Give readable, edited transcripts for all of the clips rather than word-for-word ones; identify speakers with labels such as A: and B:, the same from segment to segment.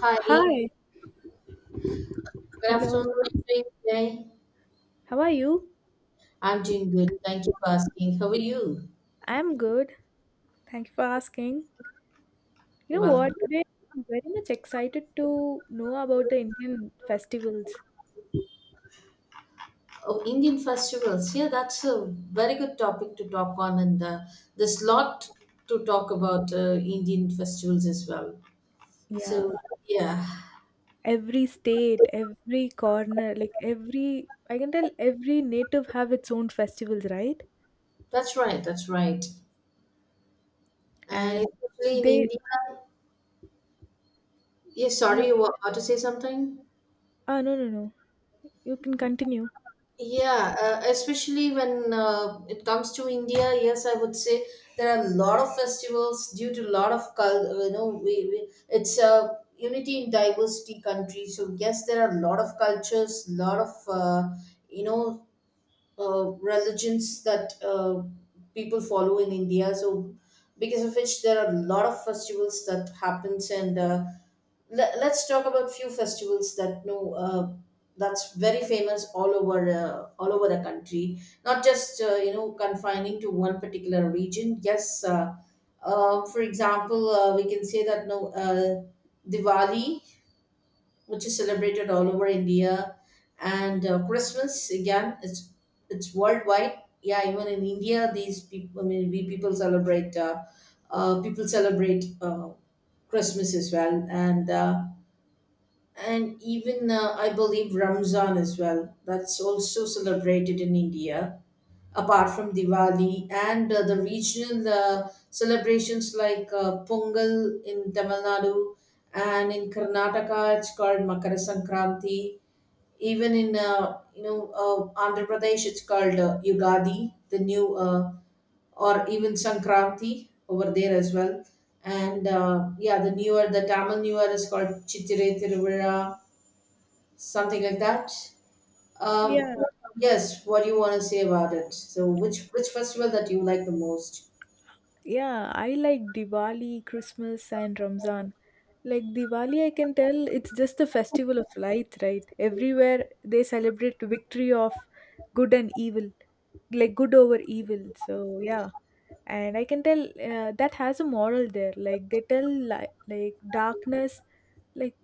A: Hi, good
B: Hi, hello.
A: afternoon. How are you doing today?
B: How are you?
A: I'm doing good. Thank you for asking. How are you?
B: I'm good. Thank you for asking. You
A: You're
B: know what?
A: welcome.
B: Today I'm very much excited to know about the Indian festivals.
A: Oh, Indian festivals. Yeah, that's a very good topic to talk on, and there's lot to talk about Indian festivals as well.
B: Yeah.
A: So, yeah,
B: Every state, every corner, like every I can tell every native have its own festivals, right?
A: that's right. That's right. And
B: And
A: especially in
B: they
A: India. Yeah,
B: Yeah.
A: sorry, you were about to say something?
B: Ah, no, no, no. You can continue.
A: Yeah, especially when it comes to India, yes, I would say there are a lot of festivals due to a lot of we it's a unity in diversity country. So yes, there are a lot of cultures, lot of you know religions that people follow in India. So because of which there are a lot of festivals that happens. And let's talk about few festivals that know that's very famous all over the country, not just you know, confining to one particular region. Yes, for example, we can say that no, Diwali, which is celebrated all over India. And Christmas again, it's worldwide. Yeah, even in India these people, I mean we people celebrate Christmas as well. And and even I believe Ramzan as well. That's also celebrated in India, apart from Diwali and the regional celebrations like Pongal in Tamil Nadu, and in Karnataka it's called Makara Sankranti. Even in Andhra Pradesh it's called Yugadi, the new or even Sankranti over there as well. And yeah, the newer, the Tamil newer is called Chitire Tiruvira, something like that.
B: Yeah.
A: Um, yes, what do you want to say about it? So, which festival that you like the most?
B: Yeah, I like Diwali, Christmas, and Ramzan. Like Diwali, I can tell it's just a festival of light, right? Everywhere they celebrate victory of good and evil, like good over evil. So yeah, and I can tell that has a moral there. Like they tell like darkness, like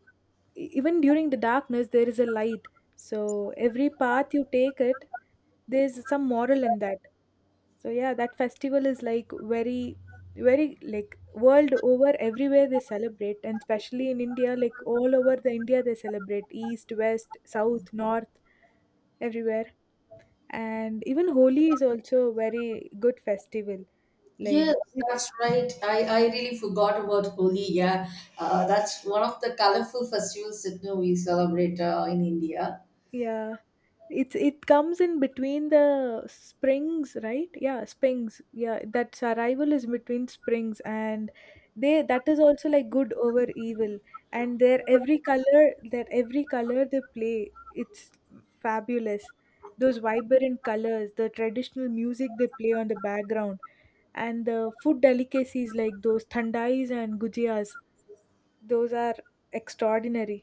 B: even during the darkness there is a light. So every path you take it, there's some moral in that. So yeah, that festival is like very, very like world over everywhere they celebrate, and especially in India, like all over the India they celebrate east, west, south, north, everywhere. And even Holi is also a very good festival. Like
A: Yes,
B: it-
A: that's right. I really forgot about Holi. Yeah, that's one of the colorful festivals that, we celebrate in India.
B: yeah. It comes in between the springs, right? Yeah, springs. Yeah, that arrival is between springs, and they that is also like good over evil, and their every color they play, it's fabulous. Those vibrant colors, the traditional music they play on the background, and the food delicacies like those thandais and gujias, those are extraordinary.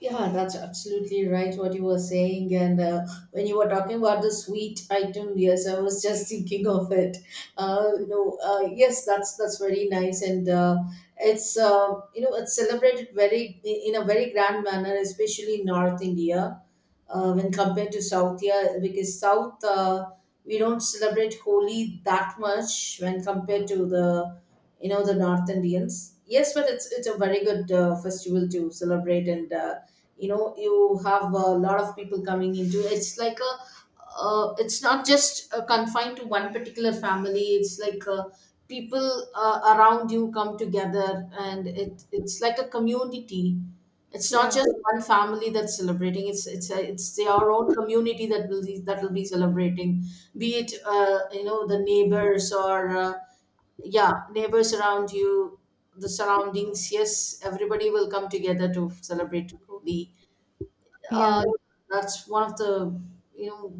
A: Yeah, that's absolutely right what you were saying. And when you were talking about the sweet item, yes, I was just thinking of it. Yes, that's very nice, and it's you know it's celebrated very in a very grand manner, especially in North India when compared to South here because South, we don't celebrate Holi that much when compared to the you know the North Indians. Yes, but it's a very good festival to celebrate, and you have a lot of people coming into. It's like a it's not just confined to one particular family. It's like people around you come together, and it's like a community. It's
B: Yeah,
A: not just one family that's celebrating. It's their own community that will be celebrating. Be it the neighbors or yeah, neighbors around you, the surroundings. Yes, everybody will come together to celebrate Holi.
B: yeah.
A: Uh, that's one of the, you know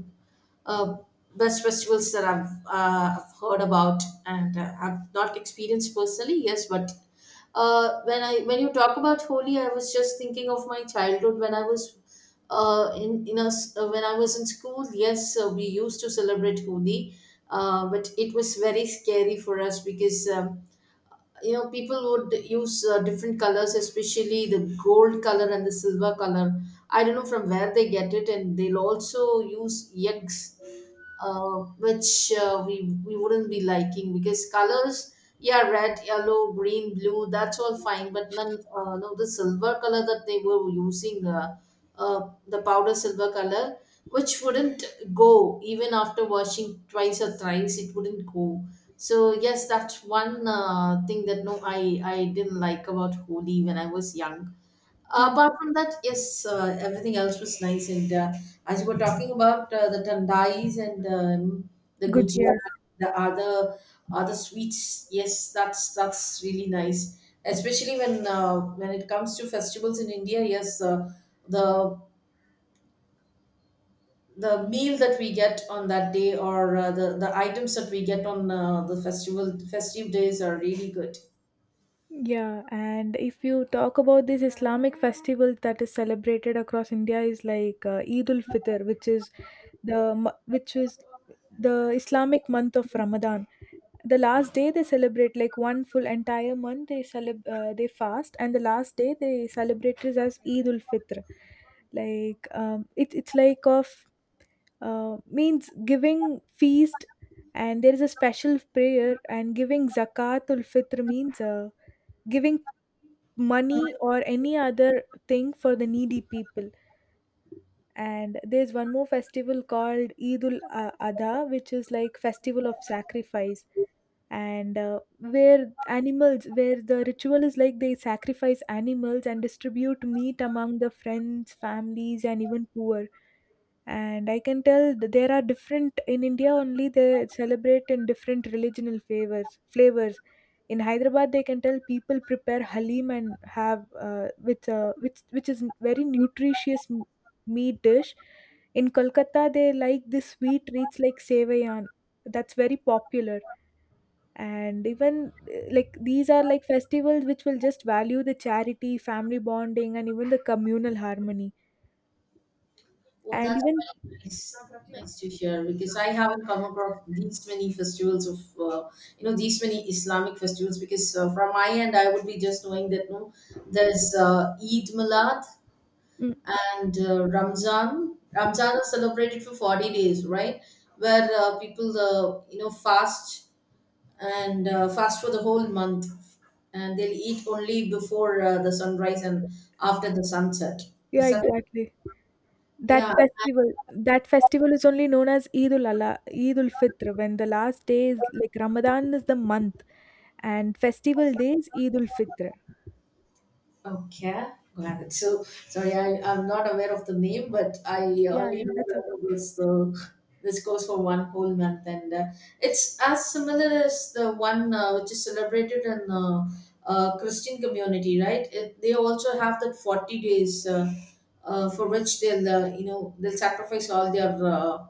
A: uh, best festivals that I've heard about, and I've not experienced personally. Yes, but when you talk about Holi, I was just thinking of my childhood when I was in us when I was in school. Yes, we used to celebrate Holi, but it was very scary for us because. People would use different colors, especially the gold color and the silver color. I don't know from where they get it, and they'll also use eggs, uh, which we wouldn't be liking because colors, yeah, red, yellow, green, blue, that's all fine, but none, no, the silver color that they were using, the powder silver color which wouldn't go even after washing twice or thrice, it wouldn't go. So yes, that's one thing that no, I didn't like about Holi when I was young.
B: Mm.
A: Apart from that, yes, everything else was nice. And as you were talking about the tandais and the
B: Good.
A: gujia, the other sweets, yes, that's really nice. Especially when it comes to festivals in India, yes, the the meal that we get on that day or the items that we get on the festival festive days are really good.
B: Yeah, and if you talk about this Islamic festival that is celebrated across India is like Eid ul Fitr, which is the Islamic month of Ramadan. The last day they celebrate like one full entire month they fast, and the last day they celebrate it as Eid ul Fitr. Like it's like of means giving feast, and there is a special prayer and giving zakat ul Fitr means giving money or any other thing for the needy people, and there's one more festival called Eidul ul Adha, which is like festival of sacrifice, and where the ritual is like they sacrifice animals and distribute meat among the friends, families, and even poor. And I can tell there are different in India only they celebrate in different religional flavors. In Hyderabad, they can tell people prepare halim and have with which is very nutritious meat dish. In Kolkata, they like this sweet treats like sevayan, that's very popular. And even like these are like festivals which will just value the charity, family bonding, and even the communal harmony.
A: Oh,
B: And
A: that's
B: even
A: really nice. Nice to hear because I haven't come across these many Islamic festivals because from my end I would be just knowing that no, there's Eid Milad
B: Mm,
A: and Ramzan. Ramzan is celebrated for 40 days, right? Where people fast and fast for the whole month, and they'll eat only before the sunrise and after the sunset.
B: yeah,
A: So,
B: exactly. That
A: yeah.
B: festival, that festival is only known as Eid ul Allah, Eid ul Fitr, when the last day is like Ramadan is the month, and festival day is Eid ul Fitr.
A: Okay, got it. So, sorry, I'm not aware of the name, but I
B: Yeah,
A: only
B: yeah,
A: know
B: that's a
A: that this goes for one whole month, and it's as similar as the one which is celebrated in Christian community, right? They also have that 40 days for which they'll sacrifice all their, uh,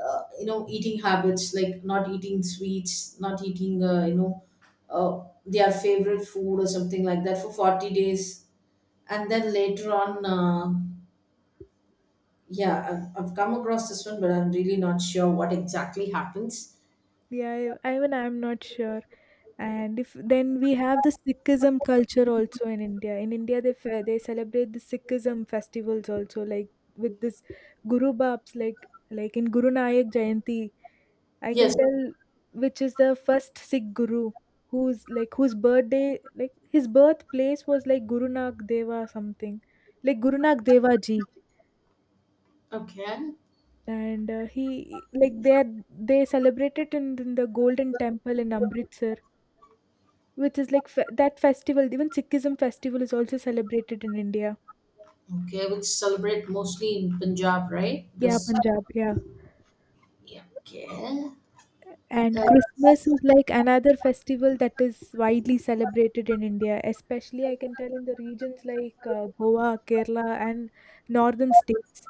A: uh, you know, eating habits like not eating sweets, not eating, their favorite food or something like that for 40 days, and then later on, yeah, I've come across this one but I'm really not sure what exactly happens.
B: yeah. I'm not sure. And if then we have the sikhism culture also in India they they celebrate the sikhism festivals also like with this guru babs like in guru nanak jayanti, I can,
A: Yes.
B: yeah, tell which is the first sikh guru, who's like whose birthday, like his birthplace was like guru nanak deva something, like guru nanak deva ji.
A: Okay.
B: And he like they celebrate it in the golden temple in Amritsar. Which is like fe that festival, even Sikhism festival is also celebrated in India.
A: Okay, which celebrate mostly in Punjab, right?
B: Yeah,
A: This.
B: Punjab, yeah.
A: Yeah. Okay. Uh,
B: And Christmas is like another festival that is widely celebrated in India, especially I can tell in the regions like Goa, Kerala, and northern states.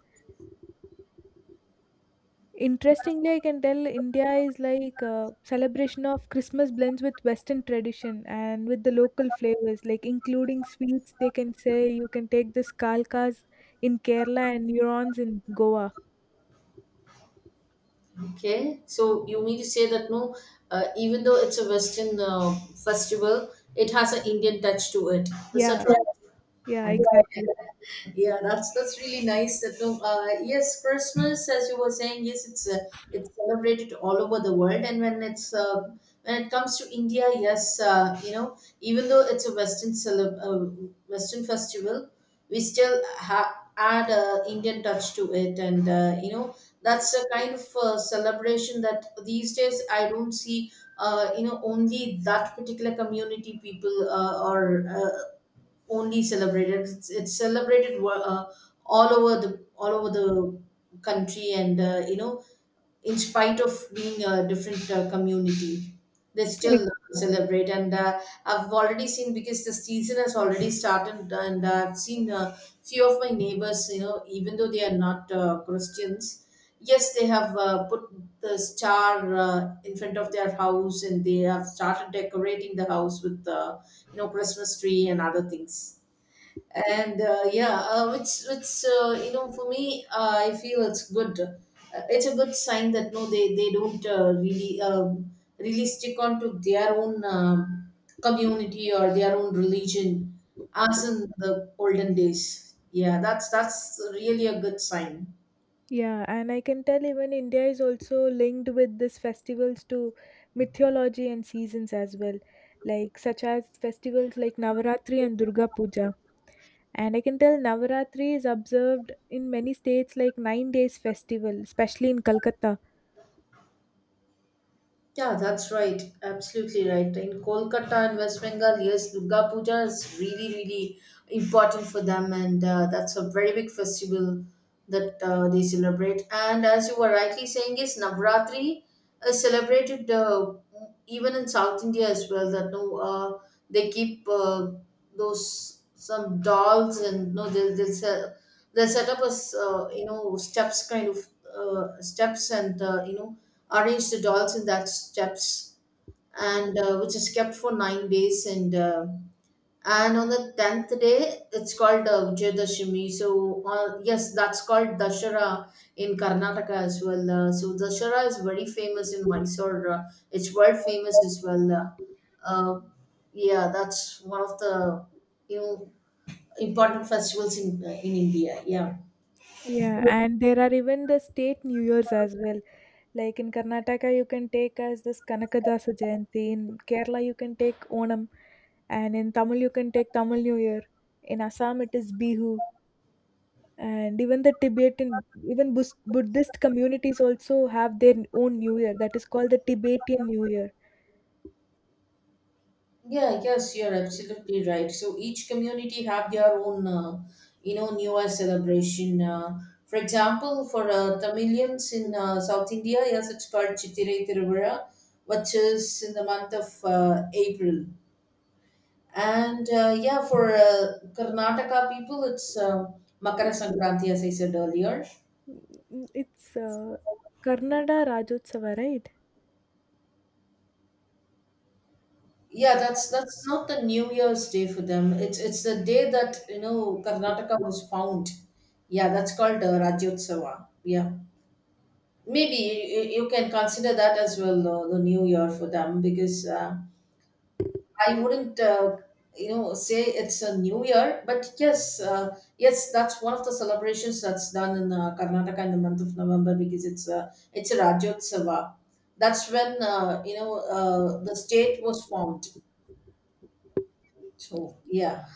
B: Interestingly, I can tell India is like celebration of Christmas blends with Western tradition and with the local flavors, like including sweets. They can say you can take this kalkas in Kerala and neurons in Goa.
A: okay, so you mean to say that no, even though it's a western festival, it has an Indian touch to it, is
B: Yeah.
A: that right?
B: Yeah,
A: And
B: exactly.
A: yeah, that's really nice that no, yes, Christmas, as you were saying, yes, it's it's celebrated all over the world. And when it comes to India, yes, even though it's a western festival, we still add a Indian touch to it. And that's a kind of celebration that these days I don't see, only that particular community people, or uh, only celebrated. It's celebrated all over the country, and in spite of being a different community, they
B: Ex-
A: still celebrate. And I've already seen because the season has already started, and I've seen a few of my neighbors. You know, even though they are not Christians. Yes, they have put the star in front of their house, and they have started decorating the house with Christmas tree and other things. And yeah, which you know for me, I feel it's good. It's a good sign that no, they don't really stick on to their own community or their own religion, as in the olden days. Yeah, that's really a good sign.
B: Yeah, and I can tell even India is also linked with these festivals to mythology and seasons as well, like such as festivals like Navaratri and Durga Puja. And I can tell Navaratri is observed in many states like 9 days festival, especially in Calcutta.
A: Yeah, that's right. Absolutely right. In Kolkata and West Bengal, yes, Durga Puja is really, really important for them, and that's a very big festival that they celebrate. And as you were rightly saying, is Navratri is celebrated even in South India as well. That no, they keep those some dolls, and no, they'll set up as steps kind of steps, and arrange the dolls in that steps, and which is kept for 9 days. And and on the tenth day it's called Vijayadashami. So yes, that's called Dashara in Karnataka as well. So Dashara is very famous in Mysore. It's world famous as well. Uh, yeah, that's one of the, you know important festivals in in India. Yeah.
B: Yeah, and there are even the state New Year's as well. Like in Karnataka, you can take as this Kanakadasa Jayanti. In Kerala, you can take Onam. And in Tamil, you can take Tamil New Year. In Assam, it is Bihu. And even the Tibetan, even Buddhist communities also have their own New Year that is called the Tibetan New Year.
A: Yeah, yes, you're absolutely right. So each community have their own, New Year celebration. For example, for Tamilians in South India, yes, it's called Chittirai Tiruvara, which is in the month of April. And yeah, for Karnataka people, it's Makara Sankranti, as I said earlier.
B: Mm, it's Karnada Rajotsava, right?
A: Yeah, that's not the New Year's Day for them. It's the day that, you know, Karnataka was found. Yeah, that's called Rajyotsava. Yeah, maybe you can consider that as well, the New Year for them, because I wouldn't say it's a New Year, but yes, yes, that's one of the celebrations that's done in Karnataka in the month of November because it's a Rajyotsava. That's when the state was formed. So yeah.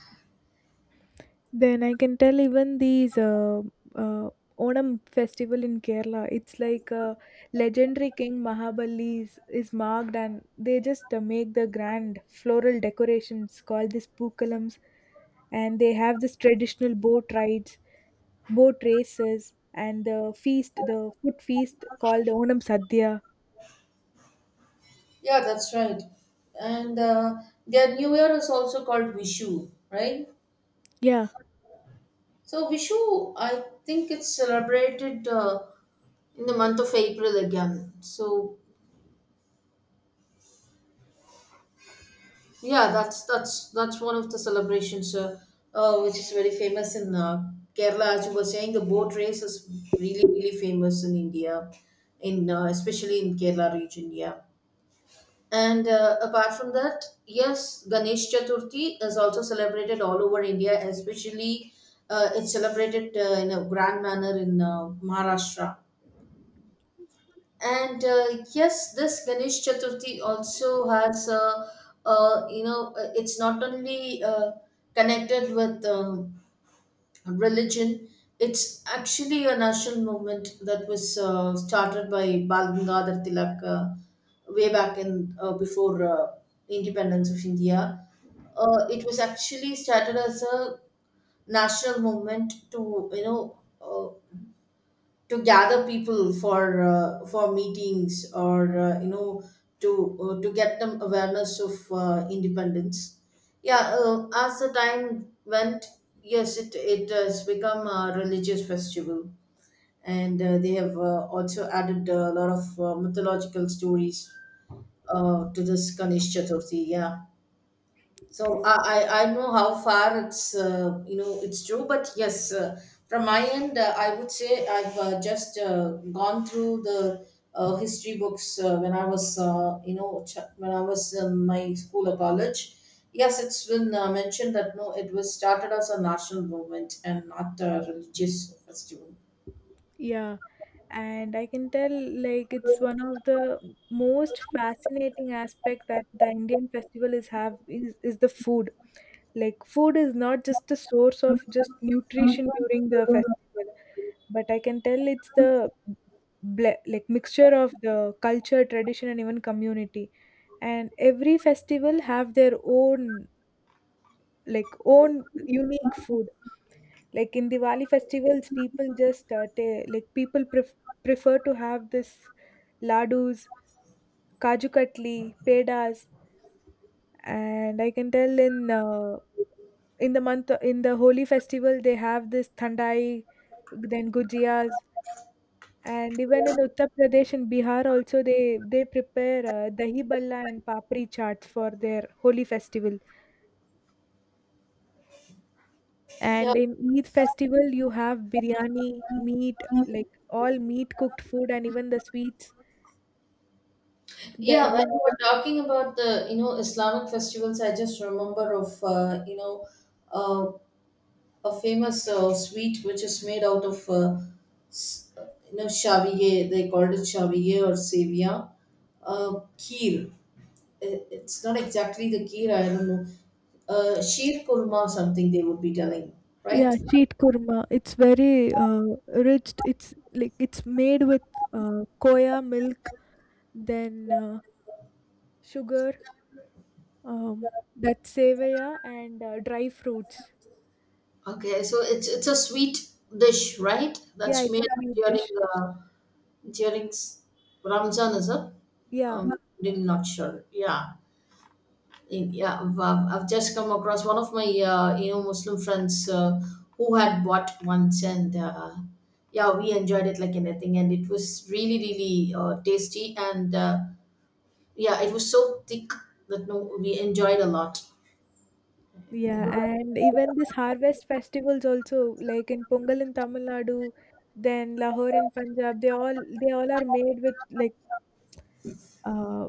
B: Then I can tell even these uh, Onam festival in Kerala. It's like legendary King Mahabali is marked, and they just make the grand floral decorations called these pookalams, and they have this traditional boat rides, boat races, and the feast, the food feast called Onam Sadhya.
A: Yeah, that's right. And their New Year is also called Vishu, right?
B: Yeah,
A: So Vishu, I think it's celebrated in the month of April again. So yeah, that's one of the celebrations, which is very famous in Kerala. As you were saying, the boat race is really really famous in India, in especially in Kerala region. Yeah. And apart from that, yes, Ganesh Chaturthi is also celebrated all over India, especially it's celebrated in a grand manner in Maharashtra. And yes, this Ganesh Chaturthi also has, it's not only connected with religion. It's actually a national movement that was started by Bal Gangadhar Tilak way back in before independence of India. It was actually started as a national movement to to gather people for meetings or to to get them awareness of independence. Yeah. As the time went, yes, it has become a religious festival, and they have also added a lot of mythological stories to this Ganesh Chaturthi. Yeah, so I know how far it's it's true, but yes, from my end, I would say I've just gone through the history books when I was when I was in my school or college. Yes, it's been mentioned that no, it was started as a national movement and not a religious festival.
B: yeah. And I can tell like it's one of the most fascinating aspect that the indian festival is have is the food. Like food is not just a source of just nutrition during the festival, but I can tell it's the like mixture of the culture, tradition, and even community. And every festival have their own, like own unique food. Like in Diwali festivals, people just like people prefer to have this ladoos, kaju katli, pedas. And I can tell in the month in the holy festival they have this thandai, then gujiyas. And even in Uttar Pradesh and Bihar also they prepare dahi balla and papri chaat for their holy festival.
A: Yeah,
B: And in Eid festival you have biryani, meat, like all meat cooked food, and even the sweets.
A: yeah.
B: Then
A: When
B: in
A: we were talking about the you know Islamic festivals, I just remember of Uh, a famous sweet which is made out of s- you know shaviye, they called it shaviye or sevia, uh, kheer. It's not exactly the kheer, I don't know, sheer kurma something they would be telling,
B: yeah,
A: right.
B: sheet kurma. It's very rich. It's like it's made with koya milk, then sugar, that's sevaya and dry fruits.
A: Okay, so it's a sweet dish, right?
B: Yeah,
A: That's
B: it's a
A: made up
B: sweet
A: during
B: dish.
A: during ramzan, is it?
B: Yeah.
A: um, Really not sure. Yeah. In, yeah, I've just come across one of my Muslim friends who had bought once, and yeah, we enjoyed it like anything, and it was really really tasty, and yeah, it was so thick that no, we enjoyed a lot. And,
B: Yeah, and even this harvest festivals also, like in Pongal in Tamil Nadu, then Lahore in Punjab, they all are made with like uh,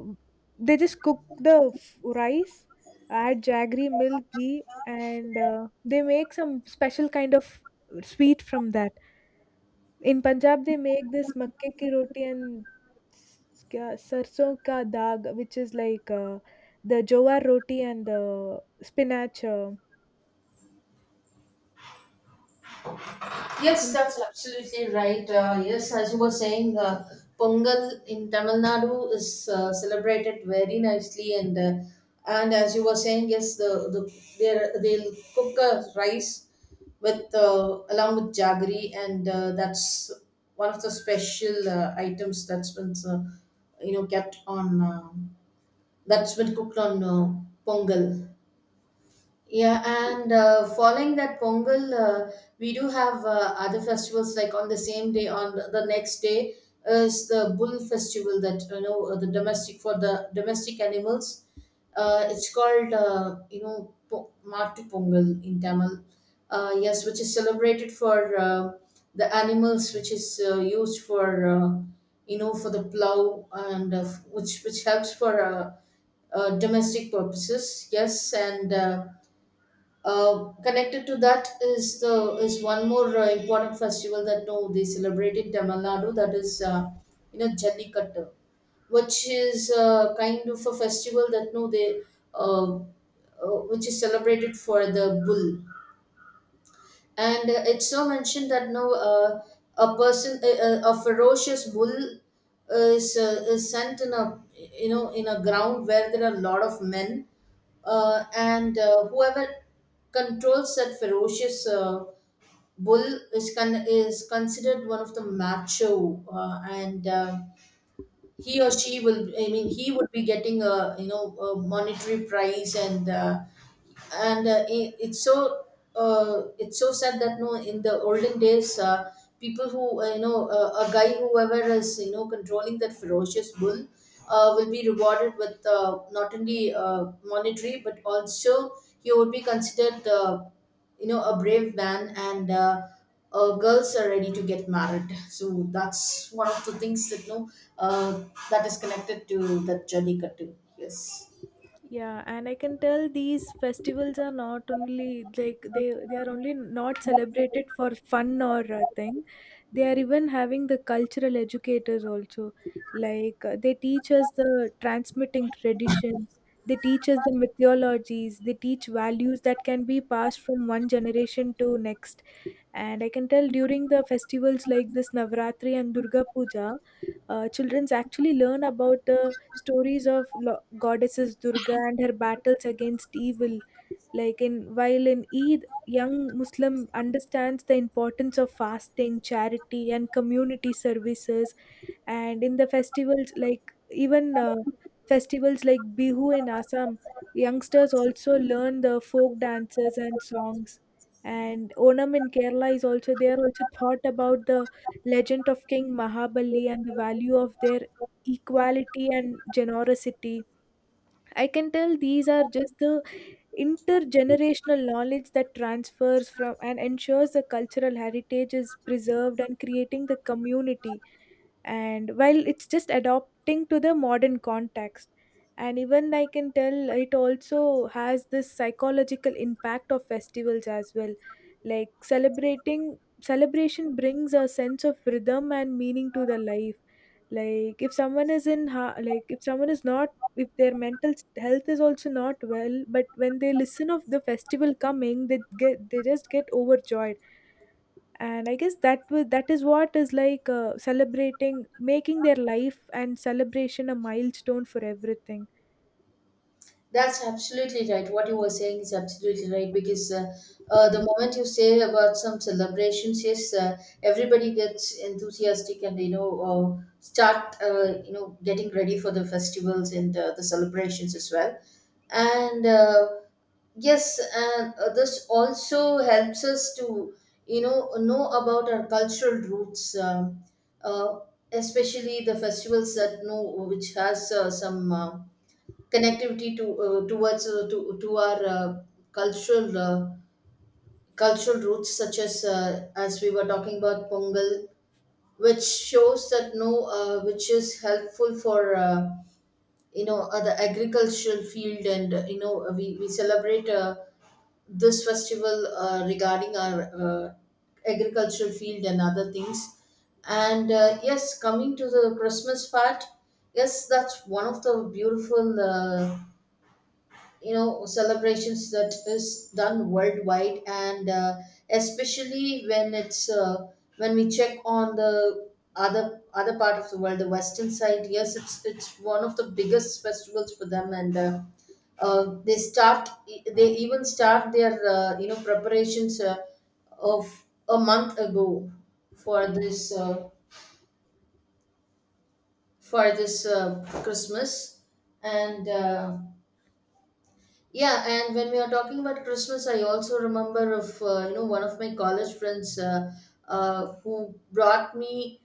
B: they just cook the rice, add jaggery, milk, ghee, and they make some special kind of sweet from that. In Punjab, they make this makke ki roti and sarson ka daag, which is like the jowar roti and the spinach.
A: yes,
B: Uh,
A: that's absolutely right. Yes, as you were saying, Pongal in Tamil Nadu is celebrated very nicely, and as you were saying, yes, they'll cook a rice with along with jaggery, and that's one of the special items that's been kept on that's been cooked on Pongal. Yeah, and following that Pongal, we do have other festivals like on the same day, on the next day is the Bull Festival that you know the domestic for the domestic animals. It's called Mattu Pongal in Tamil. Yes, which is celebrated for the animals, which is used for you know for the plow, and which helps for domestic purposes. Yes, and connected to that is the is one more important festival that no they celebrate in Tamil Nadu, that is you know Jallikattu, which is kind of a festival that no they which is celebrated for the bull, and it's so mentioned that no a person a ferocious bull is sent in a you know in a ground where there are a lot of men, and whoever controls that ferocious bull is is considered one of the macho, and he or she will. I mean, he would be getting a you know a monetary prize, and and uh, i- it's so it's so sad that no in the olden days people who a guy, whoever is you know controlling that ferocious bull, will be rewarded with not only monetary but also he would be considered you know a brave man, and girls are ready to get married. So that's one of the things that no uh, that is connected to that Jallikattu, yes.
B: Yeah, and I can tell these festivals are not only like they are only not celebrated for fun or a thing. They are even having the cultural educators also. Like they teach us the transmitting traditions. They teach us the mythologies. They teach values that can be passed from one generation to next. And I can tell during the festivals like this Navratri and Durga Puja, children actually learn about the stories of goddesses Durga and her battles against evil. Like in while in Eid, young Muslim understands the importance of fasting, charity, and community services, and in the festivals like even festivals like bihu in Assam, youngsters also learn the folk dances and songs. And onam in Kerala is also they are also thought about the legend of king Mahabali and the value of their equality and generosity. I can tell these are just the intergenerational knowledge that transfers from and ensures the cultural heritage is preserved and creating the community, and while it's just adopting to the modern context. And even I can tell it also has this psychological impact of festivals as well. Like celebrating celebration brings a sense of rhythm and meaning to the life. Like if someone is like if someone is not, if their mental health is also not well, but when they listen of the festival coming they get they just get overjoyed. And I guess that is what is like celebrating making their life and celebration a milestone for everything.
A: That's absolutely right. What you were saying is absolutely right, because the moment you say about some celebrations, yes, everybody gets enthusiastic, and you know start you know getting ready for the festivals and the celebrations as well. And yes, and this also helps us to you know about our cultural roots, uh, especially the festivals that know which has some. Connectivity to towards to our cultural cultural roots, such as we were talking about pongal, which shows that no which is helpful for the agricultural field, and you know we celebrate this festival regarding our agricultural field and other things. And yes, coming to the christmas part, yes, that's one of the beautiful you know celebrations that is done worldwide, and especially when it's when we check on the other part of the world, the western side, yes, it's one of the biggest festivals for them, and they start they even start their you know preparations of a month ago for this uh, for this christmas. And yeah, and when we are talking about Christmas, I also remember of you know one of my college friends who brought me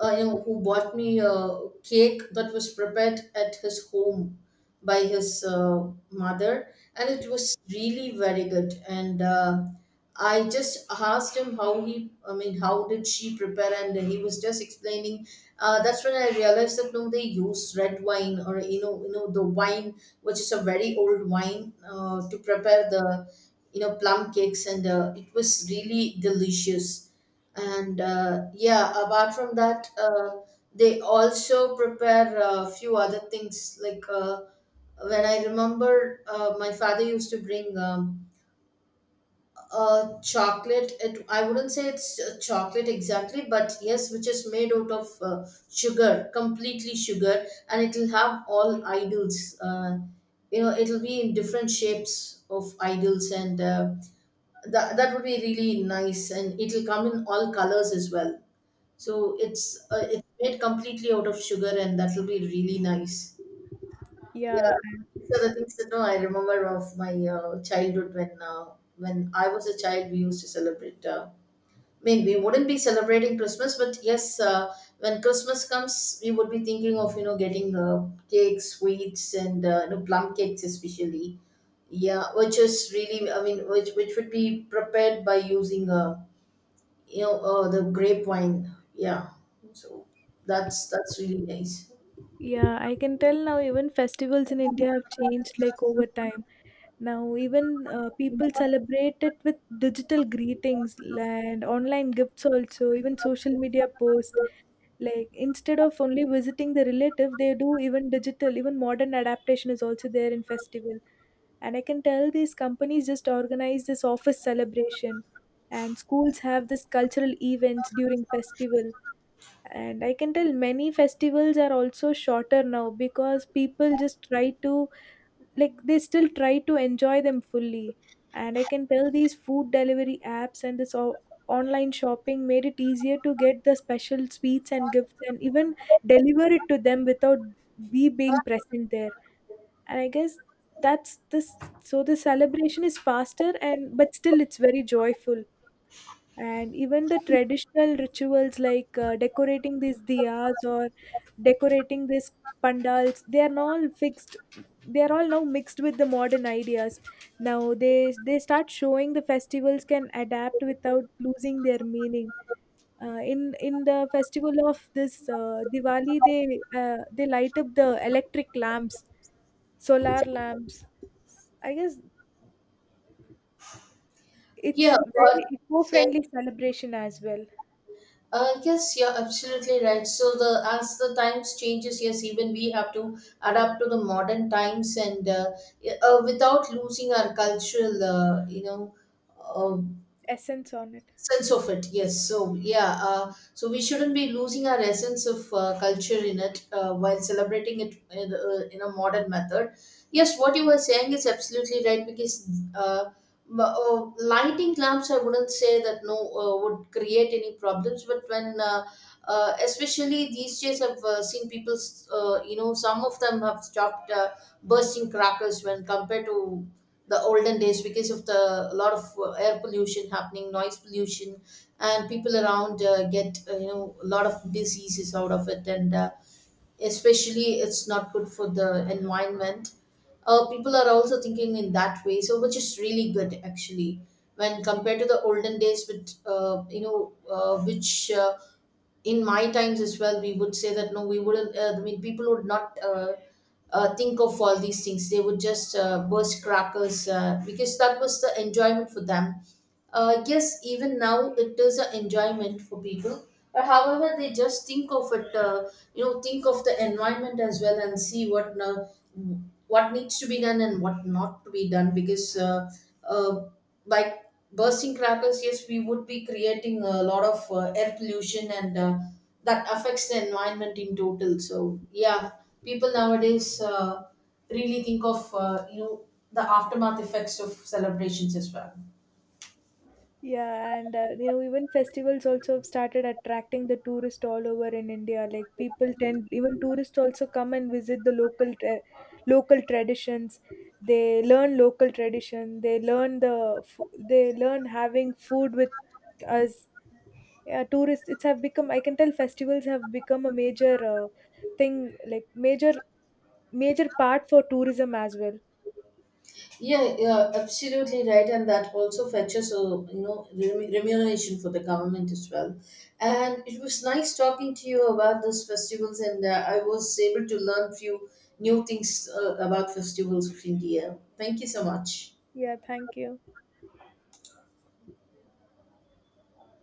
A: you know, who bought me a cake that was prepared at his home by his mother, and it was really very good. And I just asked him how he, I mean, how did she prepare, and he was just explaining. That's when I realized that no, they use red wine or you know, the wine which is a very old wine to prepare the you know plum cakes, and it was really delicious. And yeah, apart from that they also prepare a few other things like when I remember my father used to bring a chocolate, it, I wouldn't say it's a chocolate exactly, but yes, which is made out of sugar, completely sugar, and it will have all idols. You know it'll be in different shapes of idols, and that would be really nice, and it'll come in all colors as well. So it's made completely out of sugar, and that will be really nice. Yeah,
B: Yeah,
A: these are the things that no, I remember of my childhood, when I was a child, we used to celebrate. I mean, we wouldn't be celebrating Christmas, but yes, when Christmas comes, we would be thinking of you know getting cakes, sweets, and you know plum cakes, especially. Yeah, which is really, I mean, which would be prepared by using the grape wine. Yeah, so that's really nice.
B: yeah. I can tell now even festivals in India have changed like over time. Now even people celebrate it with digital greetings and online gifts, also even social media posts. Like instead of only visiting the relative, they do even digital, even modern adaptation is also there in festival. And I can tell these companies just organize this office celebration, and schools have this cultural events during festival. And I can tell many festivals are also shorter now because people just try to like they still try to enjoy them fully. And I can tell these food delivery apps and this online shopping made it easier to get the special sweets and gifts, and even deliver it to them without we being present there. And I guess that's this, so the celebration is faster, and but still it's very joyful. And even the traditional rituals like decorating these diyas or decorating these pandals, they are all fixed. They are all now mixed with the modern ideas. Now they start showing the festivals can adapt without losing their meaning. In the festival of this Diwali, they light up the electric lamps, solar lamps. I guess it's
A: Yeah,
B: very
A: but say,
B: eco-friendly celebration as well.
A: yes, you're absolutely right. So the as the times changes, yes, even we have to adapt to the modern times, and yeah, without losing our cultural, uh,
B: Essence on it.
A: sense of it. Yes, so yeah, so we shouldn't be losing our essence of culture in it, while celebrating it in a modern method. Yes, what you were saying is absolutely right, because lighting lamps, I wouldn't say that no would create any problems, but when especially these days I've seen people you know, some of them have stopped bursting crackers when compared to the olden days, because of the a lot of air pollution happening, noise pollution, and people around get you know a lot of diseases out of it, and especially it's not good for the environment. People are also thinking in that way, so which is really good actually, when compared to the olden days, with you know which in my times as well we would say that no we wouldn't I mean people would not think of all these things, they would just burst crackers because that was the enjoyment for them. Yes, even now it is an enjoyment for people, but however they just think of it you know think of the environment as well, and see what now what needs to be done and what not to be done, because uh, like bursting crackers, yes, we would be creating a lot of air pollution, and that affects the environment in total. So yeah, people nowadays really think of you know the aftermath effects of celebrations as well.
B: Yeah, and even festivals also have started attracting the tourists all over in India. Like people tend, even tourists also come and visit the local local traditions. They learn local tradition. They learn having food with us. Yeah, tourists. It's have become. I can tell festivals have become a major thing, like major part for tourism as well.
A: Yeah, yeah, absolutely right, and that also fetches a you know remuneration for the government as well. And it was nice talking to you about those festivals, and I was able to learn few new things about festivals of India. Thank you so much.
B: Yeah, thank you.